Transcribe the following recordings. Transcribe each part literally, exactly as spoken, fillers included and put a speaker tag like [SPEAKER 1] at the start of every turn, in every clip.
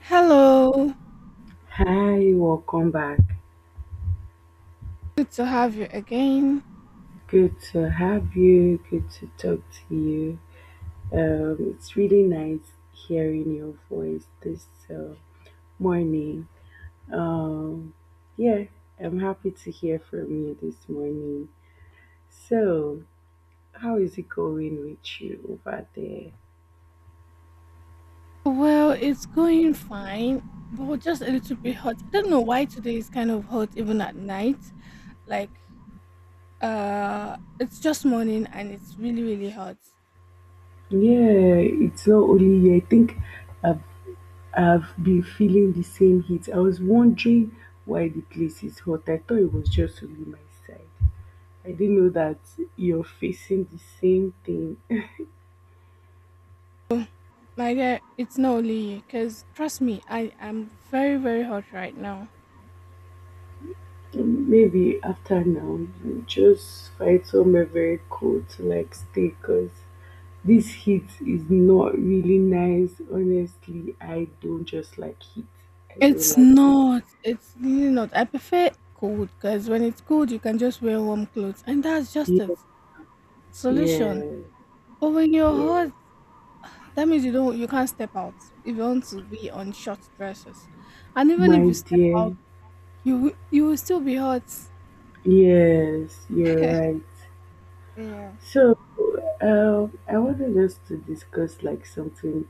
[SPEAKER 1] Hello,
[SPEAKER 2] Hi, welcome back.
[SPEAKER 1] good to have you again.
[SPEAKER 2] Good to have you. Good to talk to you. Um, it's really nice hearing your voice this uh, morning. Um, yeah, I'm happy to hear from you this morning. So, how is it going with you over there?
[SPEAKER 1] Well, it's going fine, but just a little bit hot. I don't know why today is kind of hot even at night. Like, uh, it's just morning and it's really, really hot.
[SPEAKER 2] Yeah, it's not only you. I think I've I've been feeling the same heat. I was wondering why the place is hot. I thought it was just only my side. I didn't know that you're facing the same thing.
[SPEAKER 1] So, my dear, it's not only you, because trust me, I am very, very hot right now.
[SPEAKER 2] Maybe after now, you just find somewhere very cool to like stay because this heat is not really nice. Honestly, I don't just like heat. I don't
[SPEAKER 1] It's
[SPEAKER 2] like it.
[SPEAKER 1] not, it's really not. I prefer cold because when it's cold, you can just wear warm clothes, and that's just a
[SPEAKER 2] Yeah,
[SPEAKER 1] solution.
[SPEAKER 2] yeah,
[SPEAKER 1] But when you're
[SPEAKER 2] yeah.
[SPEAKER 1] hot, that means you don't you can't step out if you want to be on short dresses. And even if
[SPEAKER 2] My
[SPEAKER 1] you step
[SPEAKER 2] dear,
[SPEAKER 1] out, you will- you will still be hot.
[SPEAKER 2] yes, you're right.
[SPEAKER 1] Yeah.
[SPEAKER 2] So, um, I wanted us to discuss like something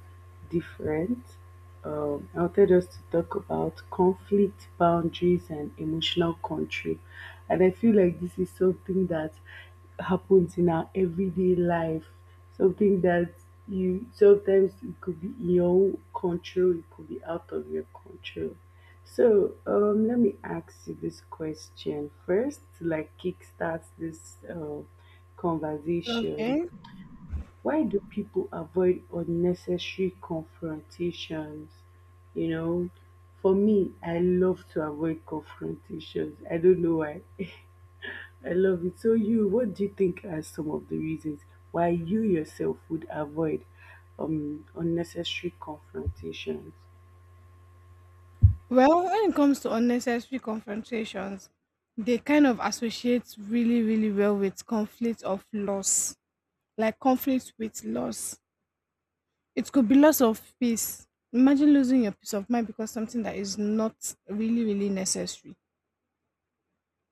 [SPEAKER 2] different. Um, I wanted us to talk about conflict, boundaries, and emotional control. And I feel like this is something that happens in our everyday life. Something that you sometimes it could be in your own control, it could be out of your control. So um, let me ask you this question first, to like kickstart this uh, conversation.
[SPEAKER 1] Okay.
[SPEAKER 2] Why do people avoid unnecessary confrontations? You know, for me, I love to avoid confrontations. I don't know why. I love it. So, you, what do you think are some of the reasons why you yourself would avoid um, unnecessary confrontations?
[SPEAKER 1] Well, when it comes to unnecessary confrontations, they kind of associate really, really well with conflict of loss, like conflict with loss. It could be loss of peace. Imagine losing your peace of mind because something that is not really, really necessary.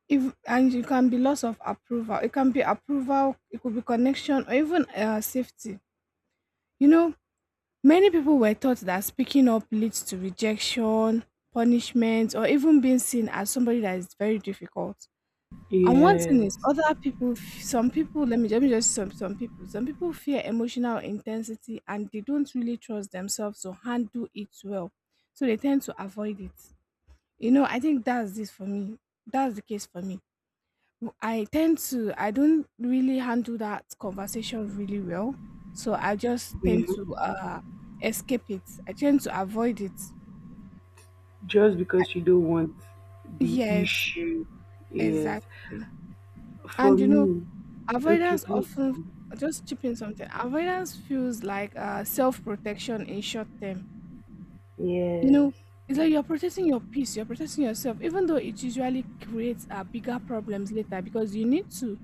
[SPEAKER 1] If and It can be loss of approval. It can be approval, it could be connection, or even uh, safety. You know, many people were taught that speaking up leads to rejection, punishment, or even being seen as somebody that is very difficult. And one thing is,
[SPEAKER 2] Yes,
[SPEAKER 1] other people, f- some people, let me, let me just some some people, some people fear emotional intensity and they don't really trust themselves to handle it well, so they tend to avoid it. You know, I think that's this for me. That's the case for me. I tend to I don't really handle that conversation really well, so I just tend
[SPEAKER 2] yeah.
[SPEAKER 1] to uh escape it. I tend to avoid it.
[SPEAKER 2] Just
[SPEAKER 1] I,
[SPEAKER 2] because you don't want the
[SPEAKER 1] yes,
[SPEAKER 2] issue. Yes.
[SPEAKER 1] exactly.
[SPEAKER 2] For
[SPEAKER 1] And you know,
[SPEAKER 2] me, okay,
[SPEAKER 1] avoidance
[SPEAKER 2] please.
[SPEAKER 1] often
[SPEAKER 2] Come.
[SPEAKER 1] just chipping something. Avoidance feels like uh self protection in short term. You
[SPEAKER 2] Yes.
[SPEAKER 1] know, it's like you're protecting your peace, you're protecting yourself, even though it usually creates uh, bigger problems later, because you need to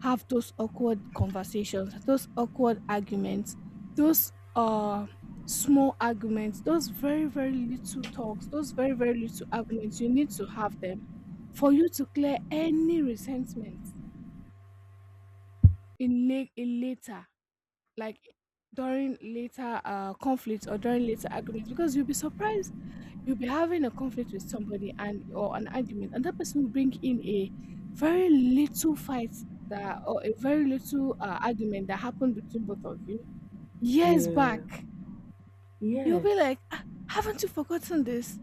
[SPEAKER 1] have those awkward conversations, those awkward arguments, those uh small arguments, those very, very little talks, those very, very little arguments. You need to have them for you to clear any resentment in, la- in later, like during later uh conflicts or during later arguments, because you'll be surprised. You'll be having a conflict with somebody, and or an argument, and that person will bring in a very little fight that or a very little uh, argument that happened between both of you years
[SPEAKER 2] Yeah.
[SPEAKER 1] back. You'll be
[SPEAKER 2] Yes.
[SPEAKER 1] like, "Ah, haven't you forgotten this?"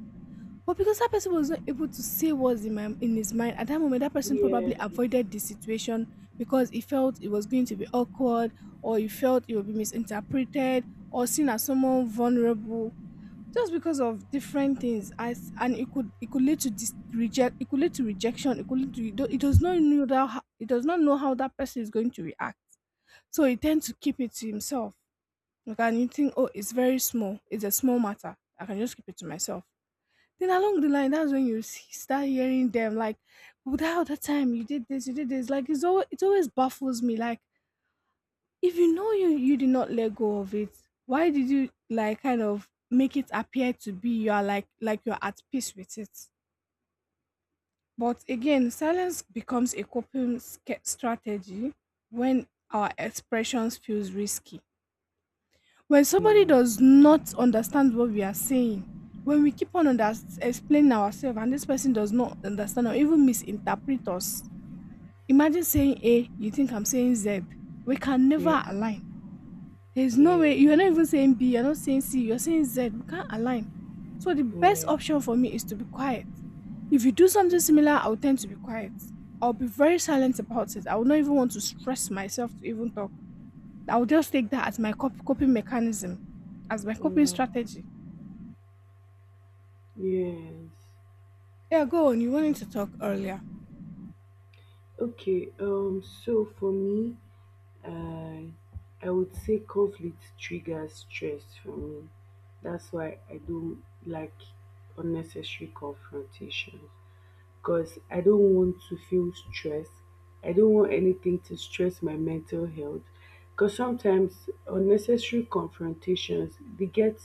[SPEAKER 1] But because that person was not able to say what's in, my, in his mind at that moment, that person probably
[SPEAKER 2] Yes.
[SPEAKER 1] avoided the situation because he felt it was going to be awkward, or he felt it would be misinterpreted, or seen as someone vulnerable, just because of different things. As and it could It could lead to dis- reject it could lead to rejection, it could lead to it do- it does not know that ho- it does not know how that person is going to react, so he tends to keep it to himself. Like and You think, oh, it's very small, it's a small matter, I can just keep it to myself. Then along the line, that's when you s- start hearing them like, without that time you did this, you did this. Like, it's always, it always baffles me. Like, if you know you you did not let go of it, why did you like kind of make it appear to be you are like like you're at peace with it? But again, silence becomes a coping sca- strategy when our expressions feels risky, when somebody
[SPEAKER 2] Yeah.
[SPEAKER 1] does not understand what we are saying, when we keep on under- explaining ourselves and this person does not understand or even misinterpret us. Imagine saying A, you think I'm saying Z. We can
[SPEAKER 2] Yeah.
[SPEAKER 1] never align. There's no way. You're
[SPEAKER 2] Yes.
[SPEAKER 1] not even saying B, you're not saying C, you're saying Z. We can't align. So the best
[SPEAKER 2] Yeah.
[SPEAKER 1] option for me is to be quiet. If you do something similar, I'll tend to be quiet. I'll be very silent about it. I will not even want to stress myself to even talk. I'll just take that as my cop- coping mechanism, as my coping
[SPEAKER 2] Mm,
[SPEAKER 1] strategy.
[SPEAKER 2] yes.
[SPEAKER 1] Yeah, go on. You wanted to talk earlier.
[SPEAKER 2] Okay. Um. So for me, I I would say conflict triggers stress for me. That's why I don't like unnecessary confrontations, because I don't want to feel stress. I don't want anything to stress my mental health. Because sometimes unnecessary confrontations, they get,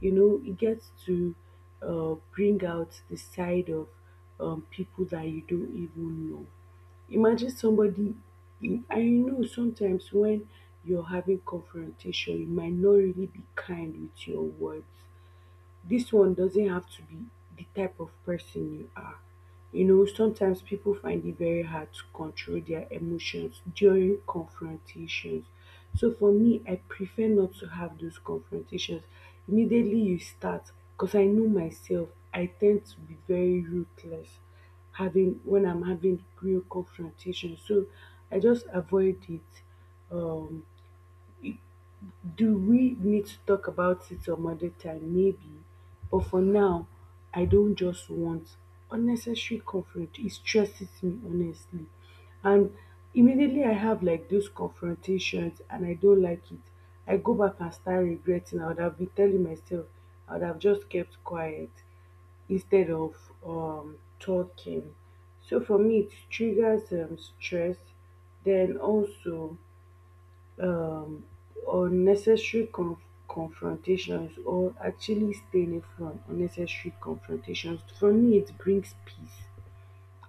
[SPEAKER 2] you know, it gets to uh, bring out the side of um, people that you don't even know. Imagine somebody you- and you know, sometimes when you're having confrontation, you might not really be kind with your words. This one doesn't have to be the type of person you are. You know, sometimes people find it very hard to control their emotions during confrontations. So for me, I prefer not to have those confrontations. Immediately you start, because I know myself, I tend to be very ruthless having when I'm having real confrontation. So I just avoid it. Um do we need to talk about it some other time? Maybe. But for now, I don't just want unnecessary confront. It stresses me, honestly. And immediately I have like those confrontations and I don't like it. I go back and start regretting. I would have been telling myself, I would have just kept quiet instead of um, talking. So for me, it triggers um, stress. Then also, um, unnecessary conf- confrontations, or actually staying from unnecessary confrontations, for me it brings peace.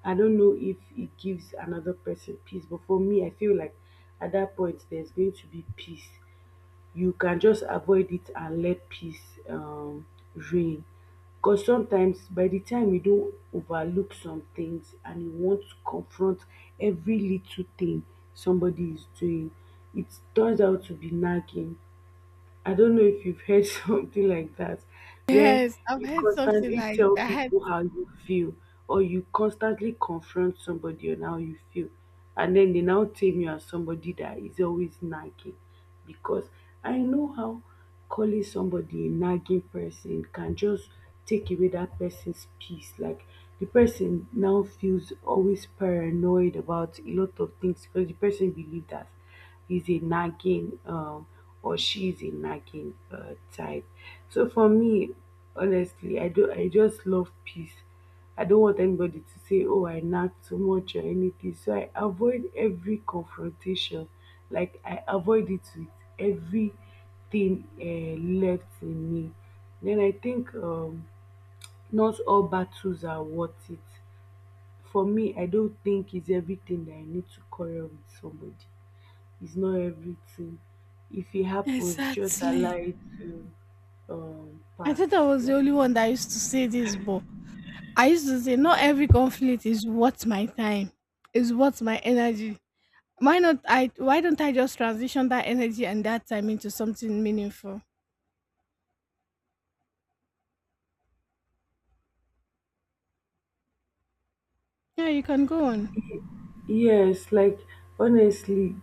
[SPEAKER 2] I don't know if it gives another person peace, but for me I feel like at that point there's going to be peace. You can just avoid it and let peace um reign. Because sometimes by the time you don overlook some things and you want to confront every little thing somebody is doing, it turns out to be nagging. I don't know if you've heard something like that, where
[SPEAKER 1] Yes, I've
[SPEAKER 2] you
[SPEAKER 1] heard something
[SPEAKER 2] constantly
[SPEAKER 1] like
[SPEAKER 2] tell
[SPEAKER 1] that.
[SPEAKER 2] people how you feel, or you constantly confront somebody on how you feel, and then they now tame you as somebody that is always nagging. Because I know how calling somebody a nagging person can just take away that person's peace. Like the person now feels always paranoid about a lot of things because the person believes that he's a nagging um or she is a nagging uh, type. So for me, honestly, I do I just love peace. I don't want anybody to say, "Oh, I nag too much" or anything. So I avoid every confrontation. Like I avoid it with everything uh, left in me. Then I think um, not all battles are worth it. For me, I don't think it's everything that I need to quarrel with somebody. It's not everything. If it happens, just allow
[SPEAKER 1] Exactly.
[SPEAKER 2] it to um,
[SPEAKER 1] I thought I
[SPEAKER 2] pass.
[SPEAKER 1] was the only one that used to say this, but I used to say not every conflict is worth my time, is worth my energy. Why not I why don't I just transition that energy and that time into something meaningful? Yeah, you can go on.
[SPEAKER 2] Yes, like honestly,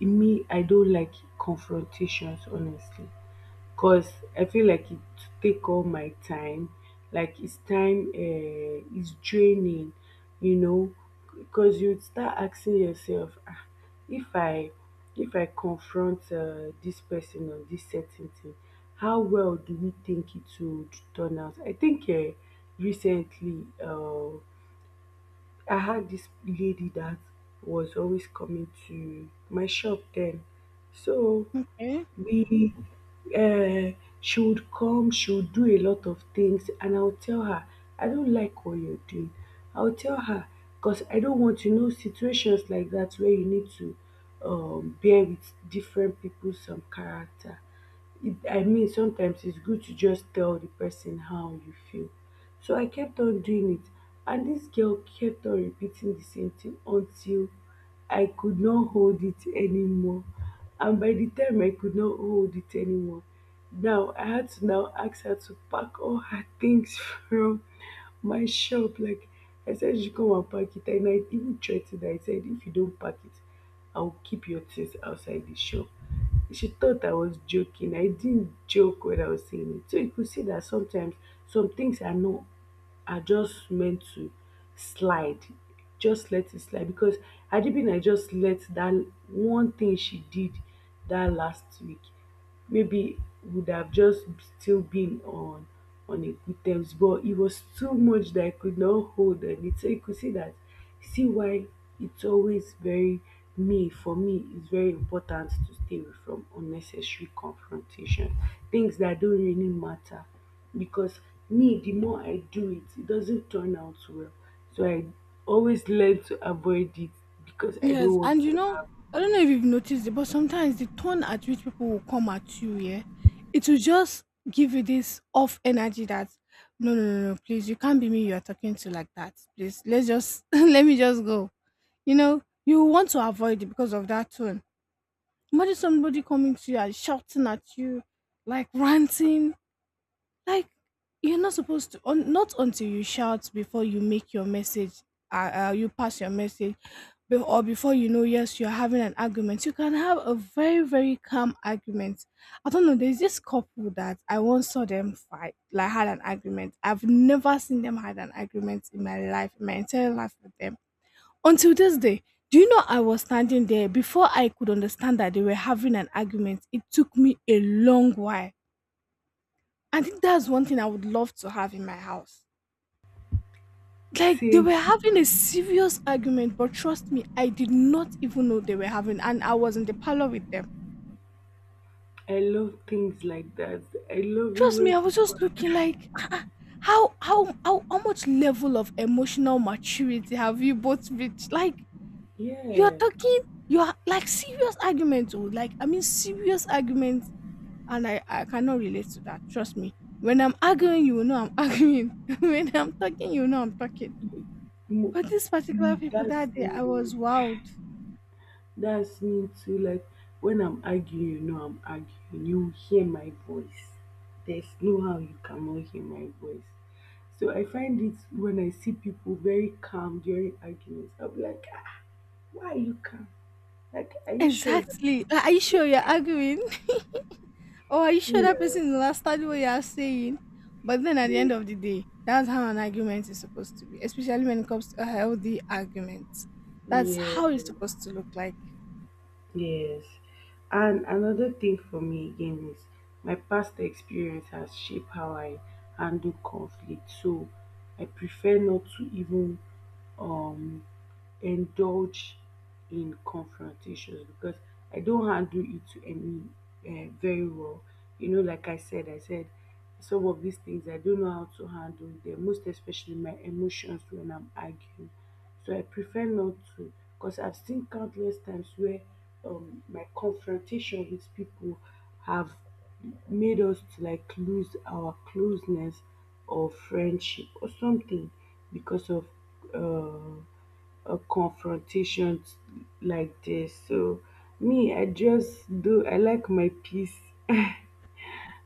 [SPEAKER 2] me, I don't like confrontations, honestly, because I feel like it take all my time. Like it's time, uh, it's draining, you know, because you start asking yourself, ah, if I, if I confront uh, this person on this certain thing, how well do we think it would turn out? I think uh, recently, uh, I had this lady that was always coming to my shop then. So
[SPEAKER 1] Okay.
[SPEAKER 2] we uh, she would come, she would do a lot of things, and I would tell her, I don't like what you're doing. I would tell her because I don't want, you know, situations like that where you need to um, bear with different people's some character. it, I mean, sometimes it's good to just tell the person how you feel. So I kept on doing it, and this girl kept on repeating the same thing until I could not hold it anymore. And by the time I could not hold it anymore, now I had to now ask her to pack all her things from my shop. Like I said, she come and pack it, and I even threatened her. I said, if you don't pack it, I'll keep your things outside the shop. She thought I was joking. I didn't joke when I was saying it. So you could see that sometimes some things are not are just meant to slide. Just let it slide because Adibina just let that one thing she did that last week maybe would have just still been on on a good terms, but it was too much that I could not hold on it. So you could see that, see why it's always very me for me it's very important to stay away from unnecessary confrontation, things that don't really matter, because me, the more I do it, it doesn't turn out well. So I always learn to avoid it because I don't
[SPEAKER 1] Yes,
[SPEAKER 2] want
[SPEAKER 1] and you
[SPEAKER 2] to
[SPEAKER 1] know,
[SPEAKER 2] have
[SPEAKER 1] I don't know if you've noticed it, but sometimes the tone at which people will come at you, yeah, it will just give you this off energy that, no no no no, please, you can't be me you are talking to like that. Please, let's just let me just go. You know, you want to avoid it because of that tone. Imagine somebody coming to you and shouting at you, like ranting. Like, you're not supposed to. Un, not until you shout before you make your message. Uh, uh, you pass your message, be- or before, you know, yes, you're having an argument. You can have a very, very calm argument. I don't know. There's this couple that I once saw them fight, like had an argument. I've never seen them had an argument in my life, in my entire life with them until this day. Do you know I was standing there before I could understand that they were having an argument? It took me a long while. I think that's one thing I would love to have in my house. Like, they were
[SPEAKER 2] same.
[SPEAKER 1] having a serious argument, but trust me, I did not even know they were having, and I was in the parlor with them.
[SPEAKER 2] I love things like that. I love it
[SPEAKER 1] Trust me,
[SPEAKER 2] when
[SPEAKER 1] I was
[SPEAKER 2] people
[SPEAKER 1] just
[SPEAKER 2] are,
[SPEAKER 1] looking like, "Ah, ah, how how how how much level of emotional maturity have you both reached?" Like, you are
[SPEAKER 2] yeah,
[SPEAKER 1] talking, you are like serious arguments, oh, like I mean serious arguments, and I, I cannot relate to that. Trust me. When I'm arguing, you will know I'm arguing. When I'm talking, you will know I'm talking.
[SPEAKER 2] mo-
[SPEAKER 1] But these particular
[SPEAKER 2] you-
[SPEAKER 1] people
[SPEAKER 2] that's
[SPEAKER 1] that day, I
[SPEAKER 2] me.
[SPEAKER 1] was wowed.
[SPEAKER 2] That's me too. Like when I'm arguing, you know, I'm arguing. You hear my voice. There's no how you cannot hear my voice. So I find it when I see people very calm during arguments. I'll be like, ah, why are you calm? Like, are you sure that?
[SPEAKER 1] Exactly. Like, are you sure you're arguing? Or are you sure that
[SPEAKER 2] Yeah,
[SPEAKER 1] person is understanding what you are saying? But then at the
[SPEAKER 2] yeah,
[SPEAKER 1] end of the day, that's how an argument is supposed to be, especially when it comes to a healthy argument. That's
[SPEAKER 2] yeah.
[SPEAKER 1] how it's supposed to look like.
[SPEAKER 2] Yes. And another thing for me again is my past experience has shaped how I handle conflict. So I prefer not to even um indulge in confrontations because I don't handle it to any uh, very well. You know, like I said, I said some of these things I don't know how to handle them, most especially my emotions when I'm arguing. So I prefer not to, because I've seen countless times where um, my confrontation with people have made us to like lose our closeness or friendship or something because of uh, a confrontation like this. So me, I just do. I like my peace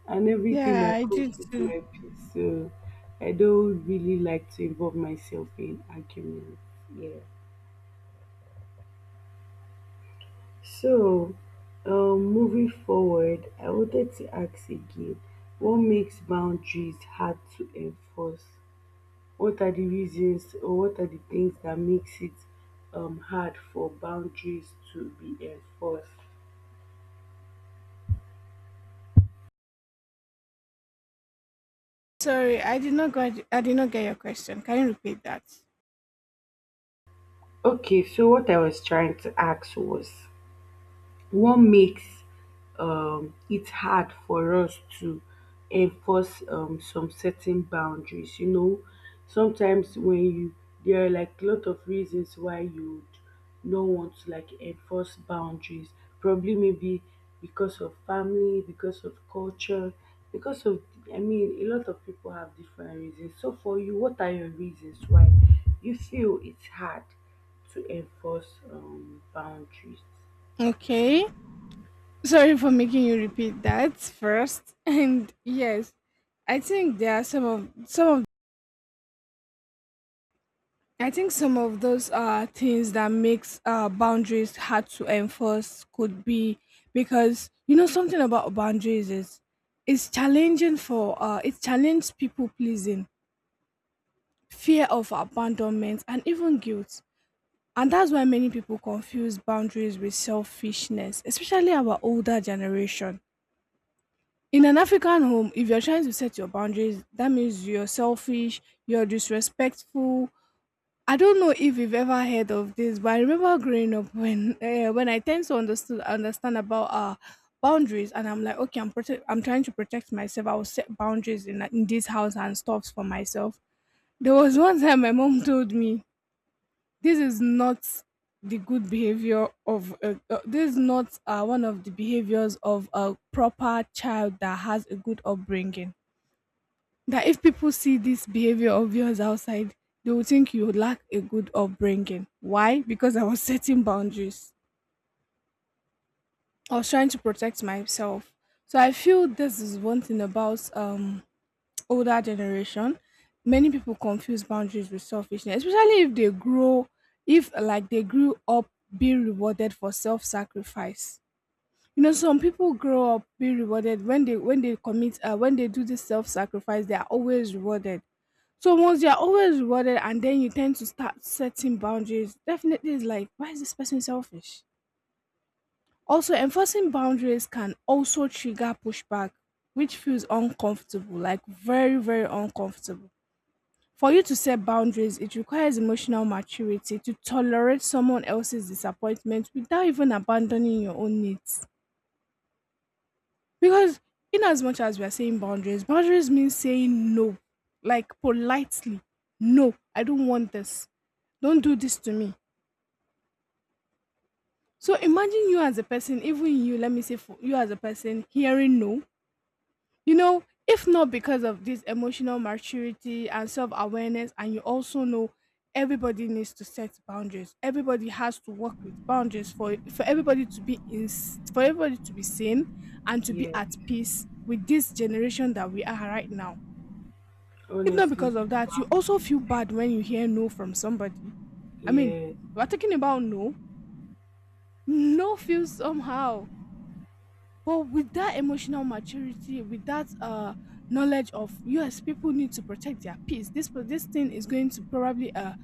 [SPEAKER 2] and everything
[SPEAKER 1] Yeah,
[SPEAKER 2] that
[SPEAKER 1] I
[SPEAKER 2] comes
[SPEAKER 1] did
[SPEAKER 2] with
[SPEAKER 1] too.
[SPEAKER 2] my peace. So I don't really like to involve myself in arguments. Yeah. So um, moving forward, I wanted to ask again, what makes boundaries hard to enforce? What are the reasons or what are the things that makes it um, hard for boundaries to be enforced?
[SPEAKER 1] Sorry, I did not get I did not get your question. Can you repeat that?
[SPEAKER 2] Okay, so what I was trying to ask was what makes um, it hard for us to enforce um, some certain boundaries? You know, sometimes when you, there are like a lot of reasons why you would not want to like enforce boundaries. Probably maybe because of family, because of culture, because of, I mean, a lot of people have different reasons. So for you, what are your reasons why you feel it's hard to enforce um, boundaries?
[SPEAKER 1] Okay. Sorry for making you repeat that first. And yes, I think there are some of some of I think some of those uh things that makes uh boundaries hard to enforce could be because, you know, something about boundaries is it's challenging for uh it challenges people pleasing, fear of abandonment, and even guilt. And that's why many people confuse boundaries with selfishness, especially our older generation. In an African home, if you're trying to set your boundaries, that means you're selfish, you're disrespectful. I don't know if you've ever heard of this, but I remember growing up when uh, when I tend to understand understand about uh boundaries, and I'm like, okay, I'm prote- I'm trying to protect myself. I will set boundaries in in this house and stuffs for myself. There was one time my mom told me, "This is not the good behavior of uh, uh, this is not uh, one of the behaviors of a proper child that has a good upbringing." That if people see this behavior of yours outside, they will think you lack a good upbringing. Why? Because I was setting boundaries. I was trying to protect myself. So I feel this is one thing about um older generation. Many people confuse boundaries with selfishness, especially if they grow, if like they grew up being rewarded for self-sacrifice. You know, some people grow up being rewarded when they when they commit, uh, when they do this self-sacrifice, they are always rewarded. So once you're always rewarded and then you tend to start setting boundaries, definitely it's like, why is this person selfish? Also, enforcing boundaries can also trigger pushback, which feels uncomfortable, like very, very uncomfortable. For you to set boundaries, it requires emotional maturity to tolerate someone else's disappointment without even abandoning your own needs. Because in as much as we are saying boundaries, boundaries means saying no, like politely. No, I don't want this. Don't do this to me. So imagine you as a person, even you, let me say, for you as a person, hearing no. You know, if not because of this emotional maturity and self awareness, and you also know everybody needs to set boundaries. Everybody has to work with boundaries for for everybody to be in, for everybody to be sane and to be
[SPEAKER 2] Yeah,
[SPEAKER 1] at peace with this generation that we are right now. If not
[SPEAKER 2] honestly,
[SPEAKER 1] because of that, you also feel
[SPEAKER 2] boundaries,
[SPEAKER 1] bad when you hear no from somebody. I mean,
[SPEAKER 2] yes,
[SPEAKER 1] we're talking about no. No feels somehow. But with that emotional maturity, with that uh knowledge of yes, people need to protect their peace. This per- this thing is going to probably uh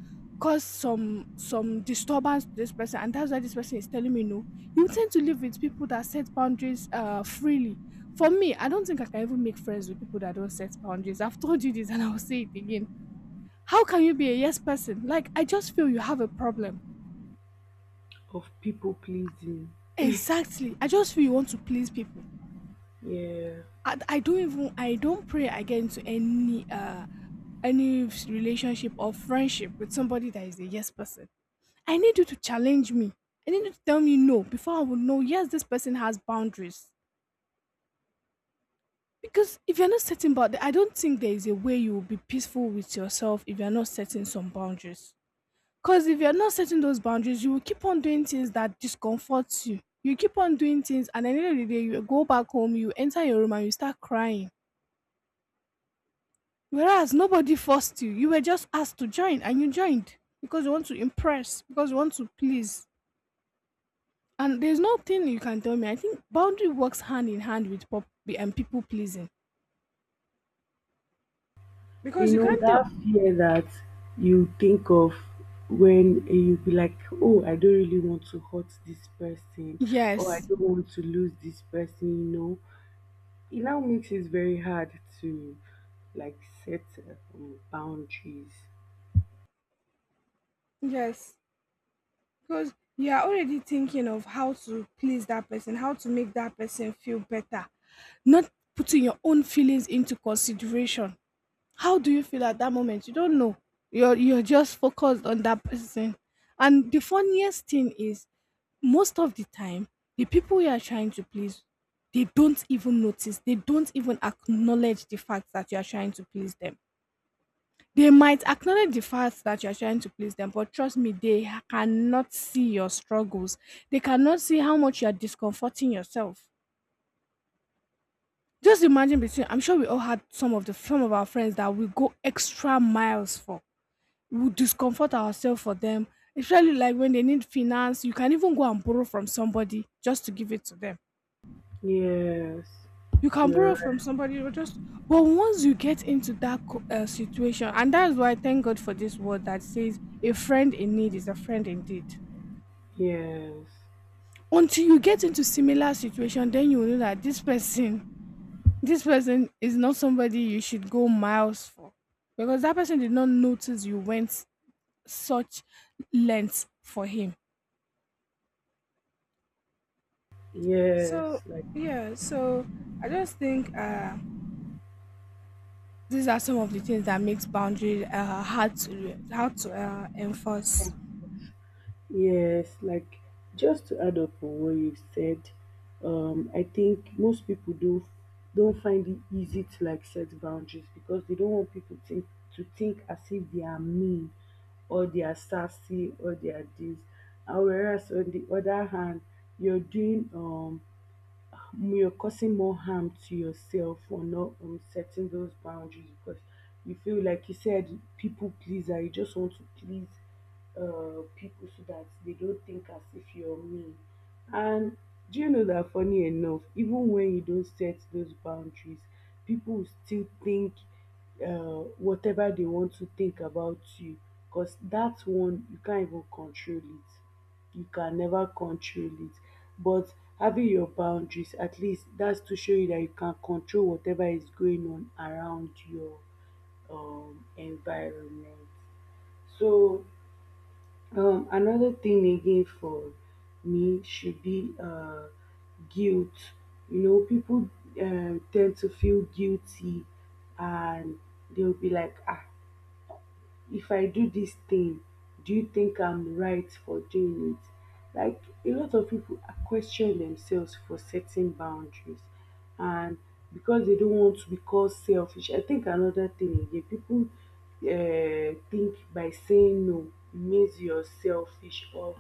[SPEAKER 1] cause some some disturbance to this person, and that's why this person is telling me no. You tend to live with people that set boundaries uh freely. For me, I don't think I can even make friends with people that don't set boundaries. I've told you this, and I'll say it again. How can you be a yes person? Like I just feel you have a problem.
[SPEAKER 2] of people pleasing,
[SPEAKER 1] Exactly. I just feel you want to please people.
[SPEAKER 2] yeah.
[SPEAKER 1] I, I don't even I don't pray I get into any uh any relationship or friendship with somebody that is a yes person. I need you to challenge me. I need you to tell me no before I will know yes this person has boundaries. Because if you're not setting boundaries, I don't think there is a way you will be peaceful with yourself if you're not setting some boundaries. Because if you're not setting those boundaries, you will keep on doing things that discomforts you. You keep on doing things, and at the end of the day, you go back home, you enter your room, and you start crying. Whereas nobody forced you. You were just asked to join and you joined because you want to impress, because you want to please. And there's nothing you can tell me. I think boundary works hand in hand with pop and people pleasing.
[SPEAKER 2] You
[SPEAKER 1] Because you
[SPEAKER 2] know
[SPEAKER 1] can't tell.
[SPEAKER 2] that fear that you think of, when you be like, oh, I don't really want to hurt this person or I
[SPEAKER 1] Yes.
[SPEAKER 2] don't want to lose this person, you know, it now makes it very hard to like set uh, um, boundaries.
[SPEAKER 1] Yes. Because you are already thinking of how to please that person, how to make that person feel better. Not putting your own feelings into consideration. How do you feel at that moment? You don't know. You're you're just focused on that person. And the funniest thing is most of the time, the people you are trying to please, they don't even notice, they don't even acknowledge the fact that you are trying to please them. They might acknowledge the fact that you are trying to please them, but trust me, they ha- cannot see your struggles. They cannot see how much you are discomforting yourself. Just imagine between, I'm sure we all had some of the some of our friends that we go extra miles for, would discomfort ourselves for them, especially like when they need finance. You can even go and borrow from somebody just to give it to them.
[SPEAKER 2] Yes,
[SPEAKER 1] You can borrow
[SPEAKER 2] you're
[SPEAKER 1] from
[SPEAKER 2] right.
[SPEAKER 1] somebody, you just but once you get into that co- uh, situation, and that's why thank God for this word that says a friend in need is a friend indeed.
[SPEAKER 2] Yes.
[SPEAKER 1] Until you get into similar situation, then you will know that this person, this person is not somebody you should go miles for, because that person did not notice you went such lengths for him. So
[SPEAKER 2] Yes, like
[SPEAKER 1] yeah, so I just think uh these are some of the things that makes boundary uh hard to how to uh,
[SPEAKER 2] yeah.
[SPEAKER 1] enforce.
[SPEAKER 2] Yes, like just to add up on what you said, um, I think most people do don't find it easy to like set boundaries because they don't want people think to think as if they are mean or they are sassy or they are this. And whereas on the other hand, you're doing um you're causing more harm to yourself for not um, setting those boundaries because you feel like you said people pleaser, you just want to please uh, people so that they don't think as if you're mean. And do you know that funny enough, even when you don't set those boundaries, people will still think uh, whatever they want to think about you, because that one you can't even control it, you can never control it. But having your boundaries, at least that's to show you that you can control whatever is going on around your um, environment. So um, another thing again for me should be uh, guilt. You know, people uh, tend to feel guilty, and they'll be like, ah, if I do this thing, do you think I'm right for doing it? Like, a lot of people are questioning themselves for setting boundaries and because they don't want to be called selfish. I think another thing again, people uh, think by saying no it means you're selfish, or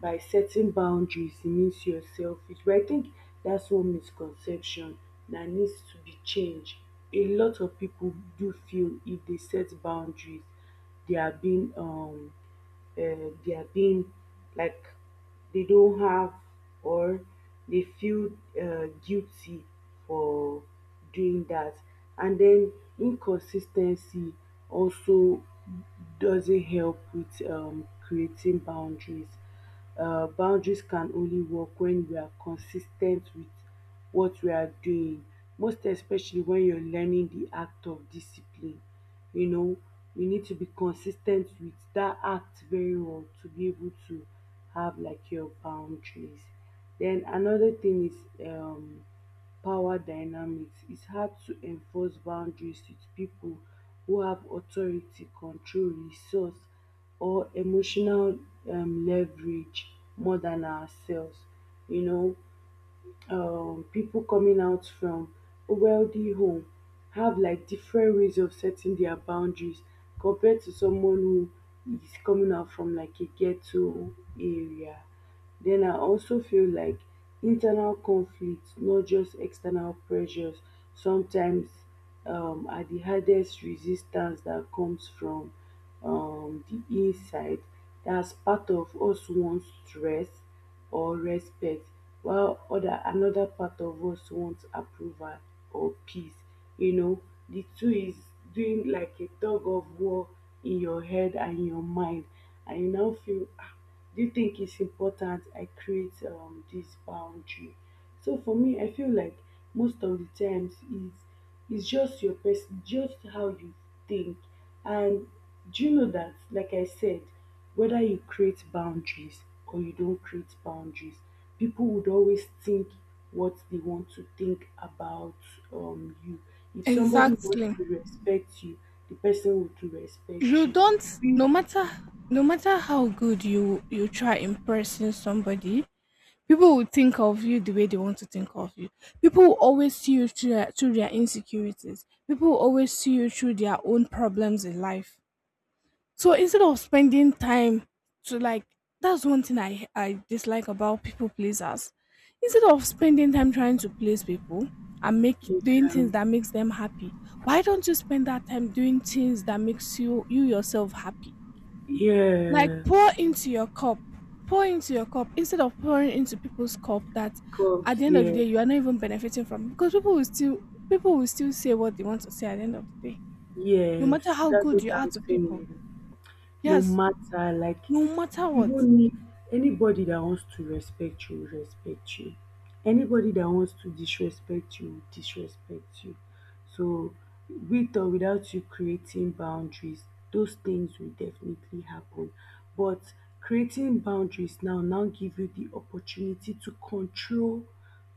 [SPEAKER 2] by setting boundaries it means you're selfish. But I think that's one misconception that needs to be changed. A lot of people do feel if they set boundaries they are being um uh, they are being, like, they don't have, or they feel uh, guilty for doing that. And then inconsistency also doesn't help with um, creating boundaries. Uh, boundaries can only work when we are consistent with what we are doing, most especially when you're learning the act of discipline. You know, you need to be consistent with that act very well to be able to have like your boundaries. Then another thing is um power dynamics. It's hard to enforce boundaries with people who have authority, control, resource, or emotional um, leverage more than ourselves. You know, um, people coming out from a wealthy home have like different ways of setting their boundaries compared to someone who is coming out from like a ghetto area. Then I also feel like internal conflicts, not just external pressures, sometimes um, are the hardest resistance that comes from um, the inside. That's part of us wants stress or respect, while other another part of us wants approval or peace. You know, the two is doing like a tug of war in your head and your mind, and you now feel, ah, do you think it's important I create um, this boundary? So for me, I feel like most of the times is it's just your person, just how you think. And do you know that, like I said, whether you create boundaries or you don't create boundaries, people would always think what they want to think about um, you. If somebody wants
[SPEAKER 1] Exactly.
[SPEAKER 2] to respect you, the person will to respect
[SPEAKER 1] You
[SPEAKER 2] you.
[SPEAKER 1] don't no matter no matter how good you you try impressing somebody, people will think of you the way they want to think of you. People will always see you through, their- through their insecurities. People will always see you through their own problems in life. So instead of spending time to like, that's one thing I I dislike about people pleasers. Instead of spending time trying to please people and make doing
[SPEAKER 2] Yeah,
[SPEAKER 1] things that makes them happy, why don't you spend that time doing things that makes you you yourself happy? Like
[SPEAKER 2] yeah,
[SPEAKER 1] pour into your cup, pour into your cup instead of pouring into people's cup that
[SPEAKER 2] cops,
[SPEAKER 1] at the end of the
[SPEAKER 2] yeah,
[SPEAKER 1] day you are not even benefiting from, because people will still people will still say what they want to say at the end of the day, no
[SPEAKER 2] yes,
[SPEAKER 1] matter how
[SPEAKER 2] that's
[SPEAKER 1] good
[SPEAKER 2] what
[SPEAKER 1] you are to
[SPEAKER 2] I'm
[SPEAKER 1] people.
[SPEAKER 2] saying. No
[SPEAKER 1] Yes,
[SPEAKER 2] matter, like,
[SPEAKER 1] no matter
[SPEAKER 2] you
[SPEAKER 1] what.
[SPEAKER 2] don't need, anybody that wants to respect you will respect you, anybody that wants to disrespect you will disrespect you. So with or without you creating boundaries, those things will definitely happen. But creating boundaries now now give you the opportunity to control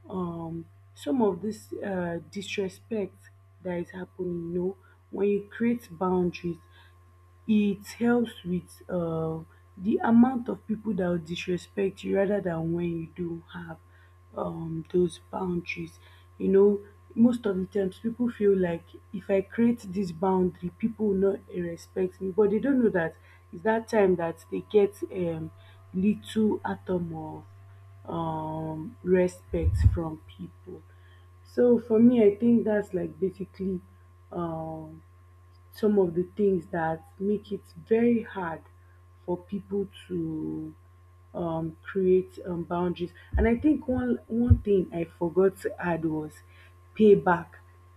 [SPEAKER 2] um some of this uh disrespect that is happening. You know, when you create boundaries, it helps with uh, the amount of people that will disrespect you rather than when you do have um, those boundaries. You know, most of the times people feel like if I create this boundary, people will not respect me, but they don't know that it's that time that they get um, little atom of um, respect from people. So for me, I think that's like basically um, some of the things that make it very hard for people to um, create um, boundaries. And I think one one thing I forgot to add was payback.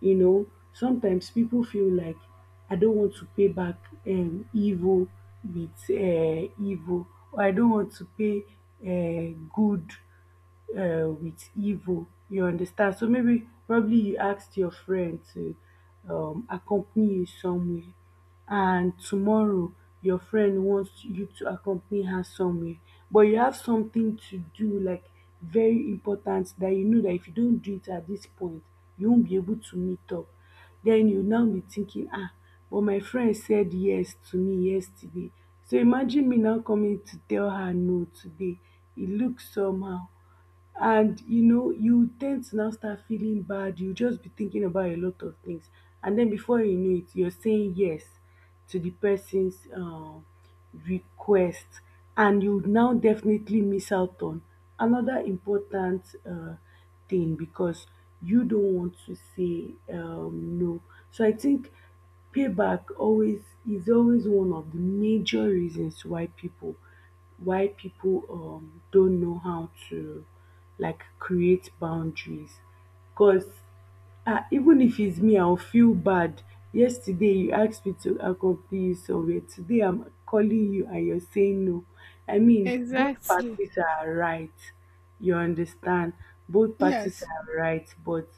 [SPEAKER 2] You know, sometimes people feel like, I don't want to pay back um, evil with uh, evil, or I don't want to pay uh, good uh, with evil. You understand? So maybe probably you asked your friend to um, accompany you somewhere, and tomorrow your friend wants you to accompany her somewhere, but you have something to do like very important, that you know that if you don't do it at this point, you won't be able to meet up. Then you now be thinking, ah, but my friend said yes to me yesterday. So imagine me now coming to tell her no today. It looks somehow, and you know you tend to now start feeling bad, you just be thinking about a lot of things, and then before you know it you're saying yes to the person's um, request, and you now definitely miss out on another important uh, thing because you don't want to say um, no. So I think payback always is always one of the major reasons why people, why people um, don't know how to like create boundaries. Because, ah, even if it's me I'll feel bad. Yesterday you asked me to accompany you somewhere. Today I'm calling you and you're saying no. I mean, both
[SPEAKER 1] Exactly.
[SPEAKER 2] parties are right. You understand? Both parties
[SPEAKER 1] Yes.
[SPEAKER 2] are right, but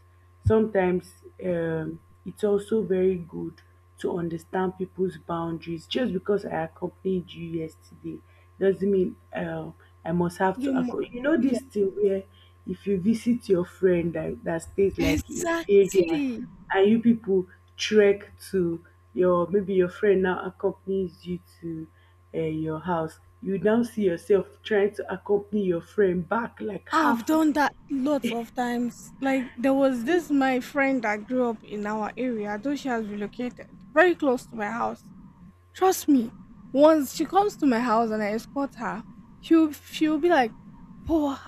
[SPEAKER 2] sometimes um it's also very good to understand people's boundaries. Just because I accompanied you yesterday doesn't mean um I must have to
[SPEAKER 1] You mu-
[SPEAKER 2] accompany. You know
[SPEAKER 1] yeah.
[SPEAKER 2] this thing where if you visit your friend that, that stays like in area,
[SPEAKER 1] Exactly.
[SPEAKER 2] and you people trek to your, maybe your friend now accompanies you to uh, your house, you now see yourself trying to accompany your friend back like
[SPEAKER 1] I've
[SPEAKER 2] halfway
[SPEAKER 1] done that lots of times. Like there was
[SPEAKER 2] to,
[SPEAKER 1] this my friend that grew up in our area, though she has relocated very close to my house. Trust me, once she comes to my house and I escort her, she'll she'll be like, "Poor,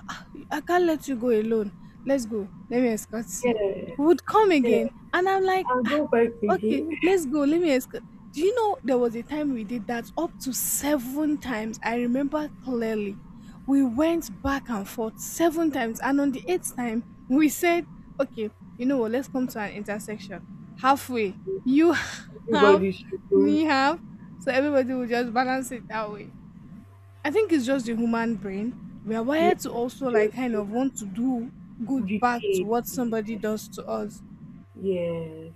[SPEAKER 1] I can't let you go alone. Let's go. Let me escort you."
[SPEAKER 2] yes,
[SPEAKER 1] Would come
[SPEAKER 2] yes,
[SPEAKER 1] again, and I'm like,
[SPEAKER 2] and
[SPEAKER 1] "Ah,
[SPEAKER 2] go back
[SPEAKER 1] okay,
[SPEAKER 2] again.
[SPEAKER 1] let's go. Let me escort." Do you know there was a time we did that up to seven times? I remember clearly. We went back and forth seven times, and on the eighth time, we said, "Okay, you know what? Let's come to an intersection halfway. You have
[SPEAKER 2] Everybody should go.
[SPEAKER 1] me have." So everybody will just balance it that way. I think it's just the human brain. We are
[SPEAKER 2] Yeah,
[SPEAKER 1] wired to also like
[SPEAKER 2] just
[SPEAKER 1] kind
[SPEAKER 2] you
[SPEAKER 1] of want to do good back to
[SPEAKER 2] repay.
[SPEAKER 1] what somebody
[SPEAKER 2] Yes,
[SPEAKER 1] does to us.
[SPEAKER 2] yes.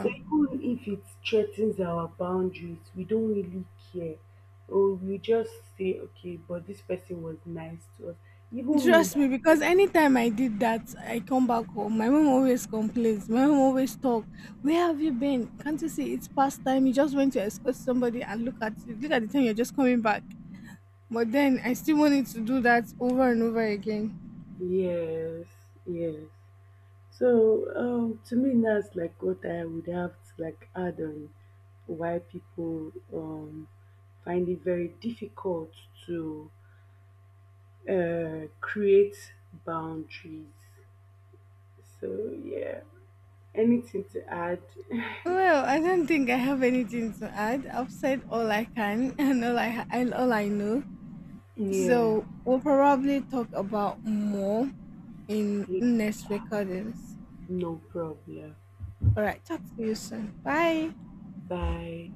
[SPEAKER 2] So even if it threatens our boundaries, we don't really care. Or we just say, okay, but this person was nice to us. Even me
[SPEAKER 1] Trust me,
[SPEAKER 2] that
[SPEAKER 1] because
[SPEAKER 2] okay.
[SPEAKER 1] anytime I did that, I come back home. My mom always complains. My mom always talk. Where have you been? Can't you see it's past time? You just went to escort somebody and look at you. Look at the time you're just coming back. But then I still wanted to do that over and over again.
[SPEAKER 2] Yes, yes. So um, to me, that's like what I would have to like add on why people um, find it very difficult to uh, create boundaries. So yeah, anything to add?
[SPEAKER 1] Well, I don't think I have anything to add. I've said all I can and all I, I all I know.
[SPEAKER 2] Yeah,
[SPEAKER 1] So we'll probably talk about more in next recordings.
[SPEAKER 2] no problem.
[SPEAKER 1] All right, talk to you soon. Bye.
[SPEAKER 2] Bye.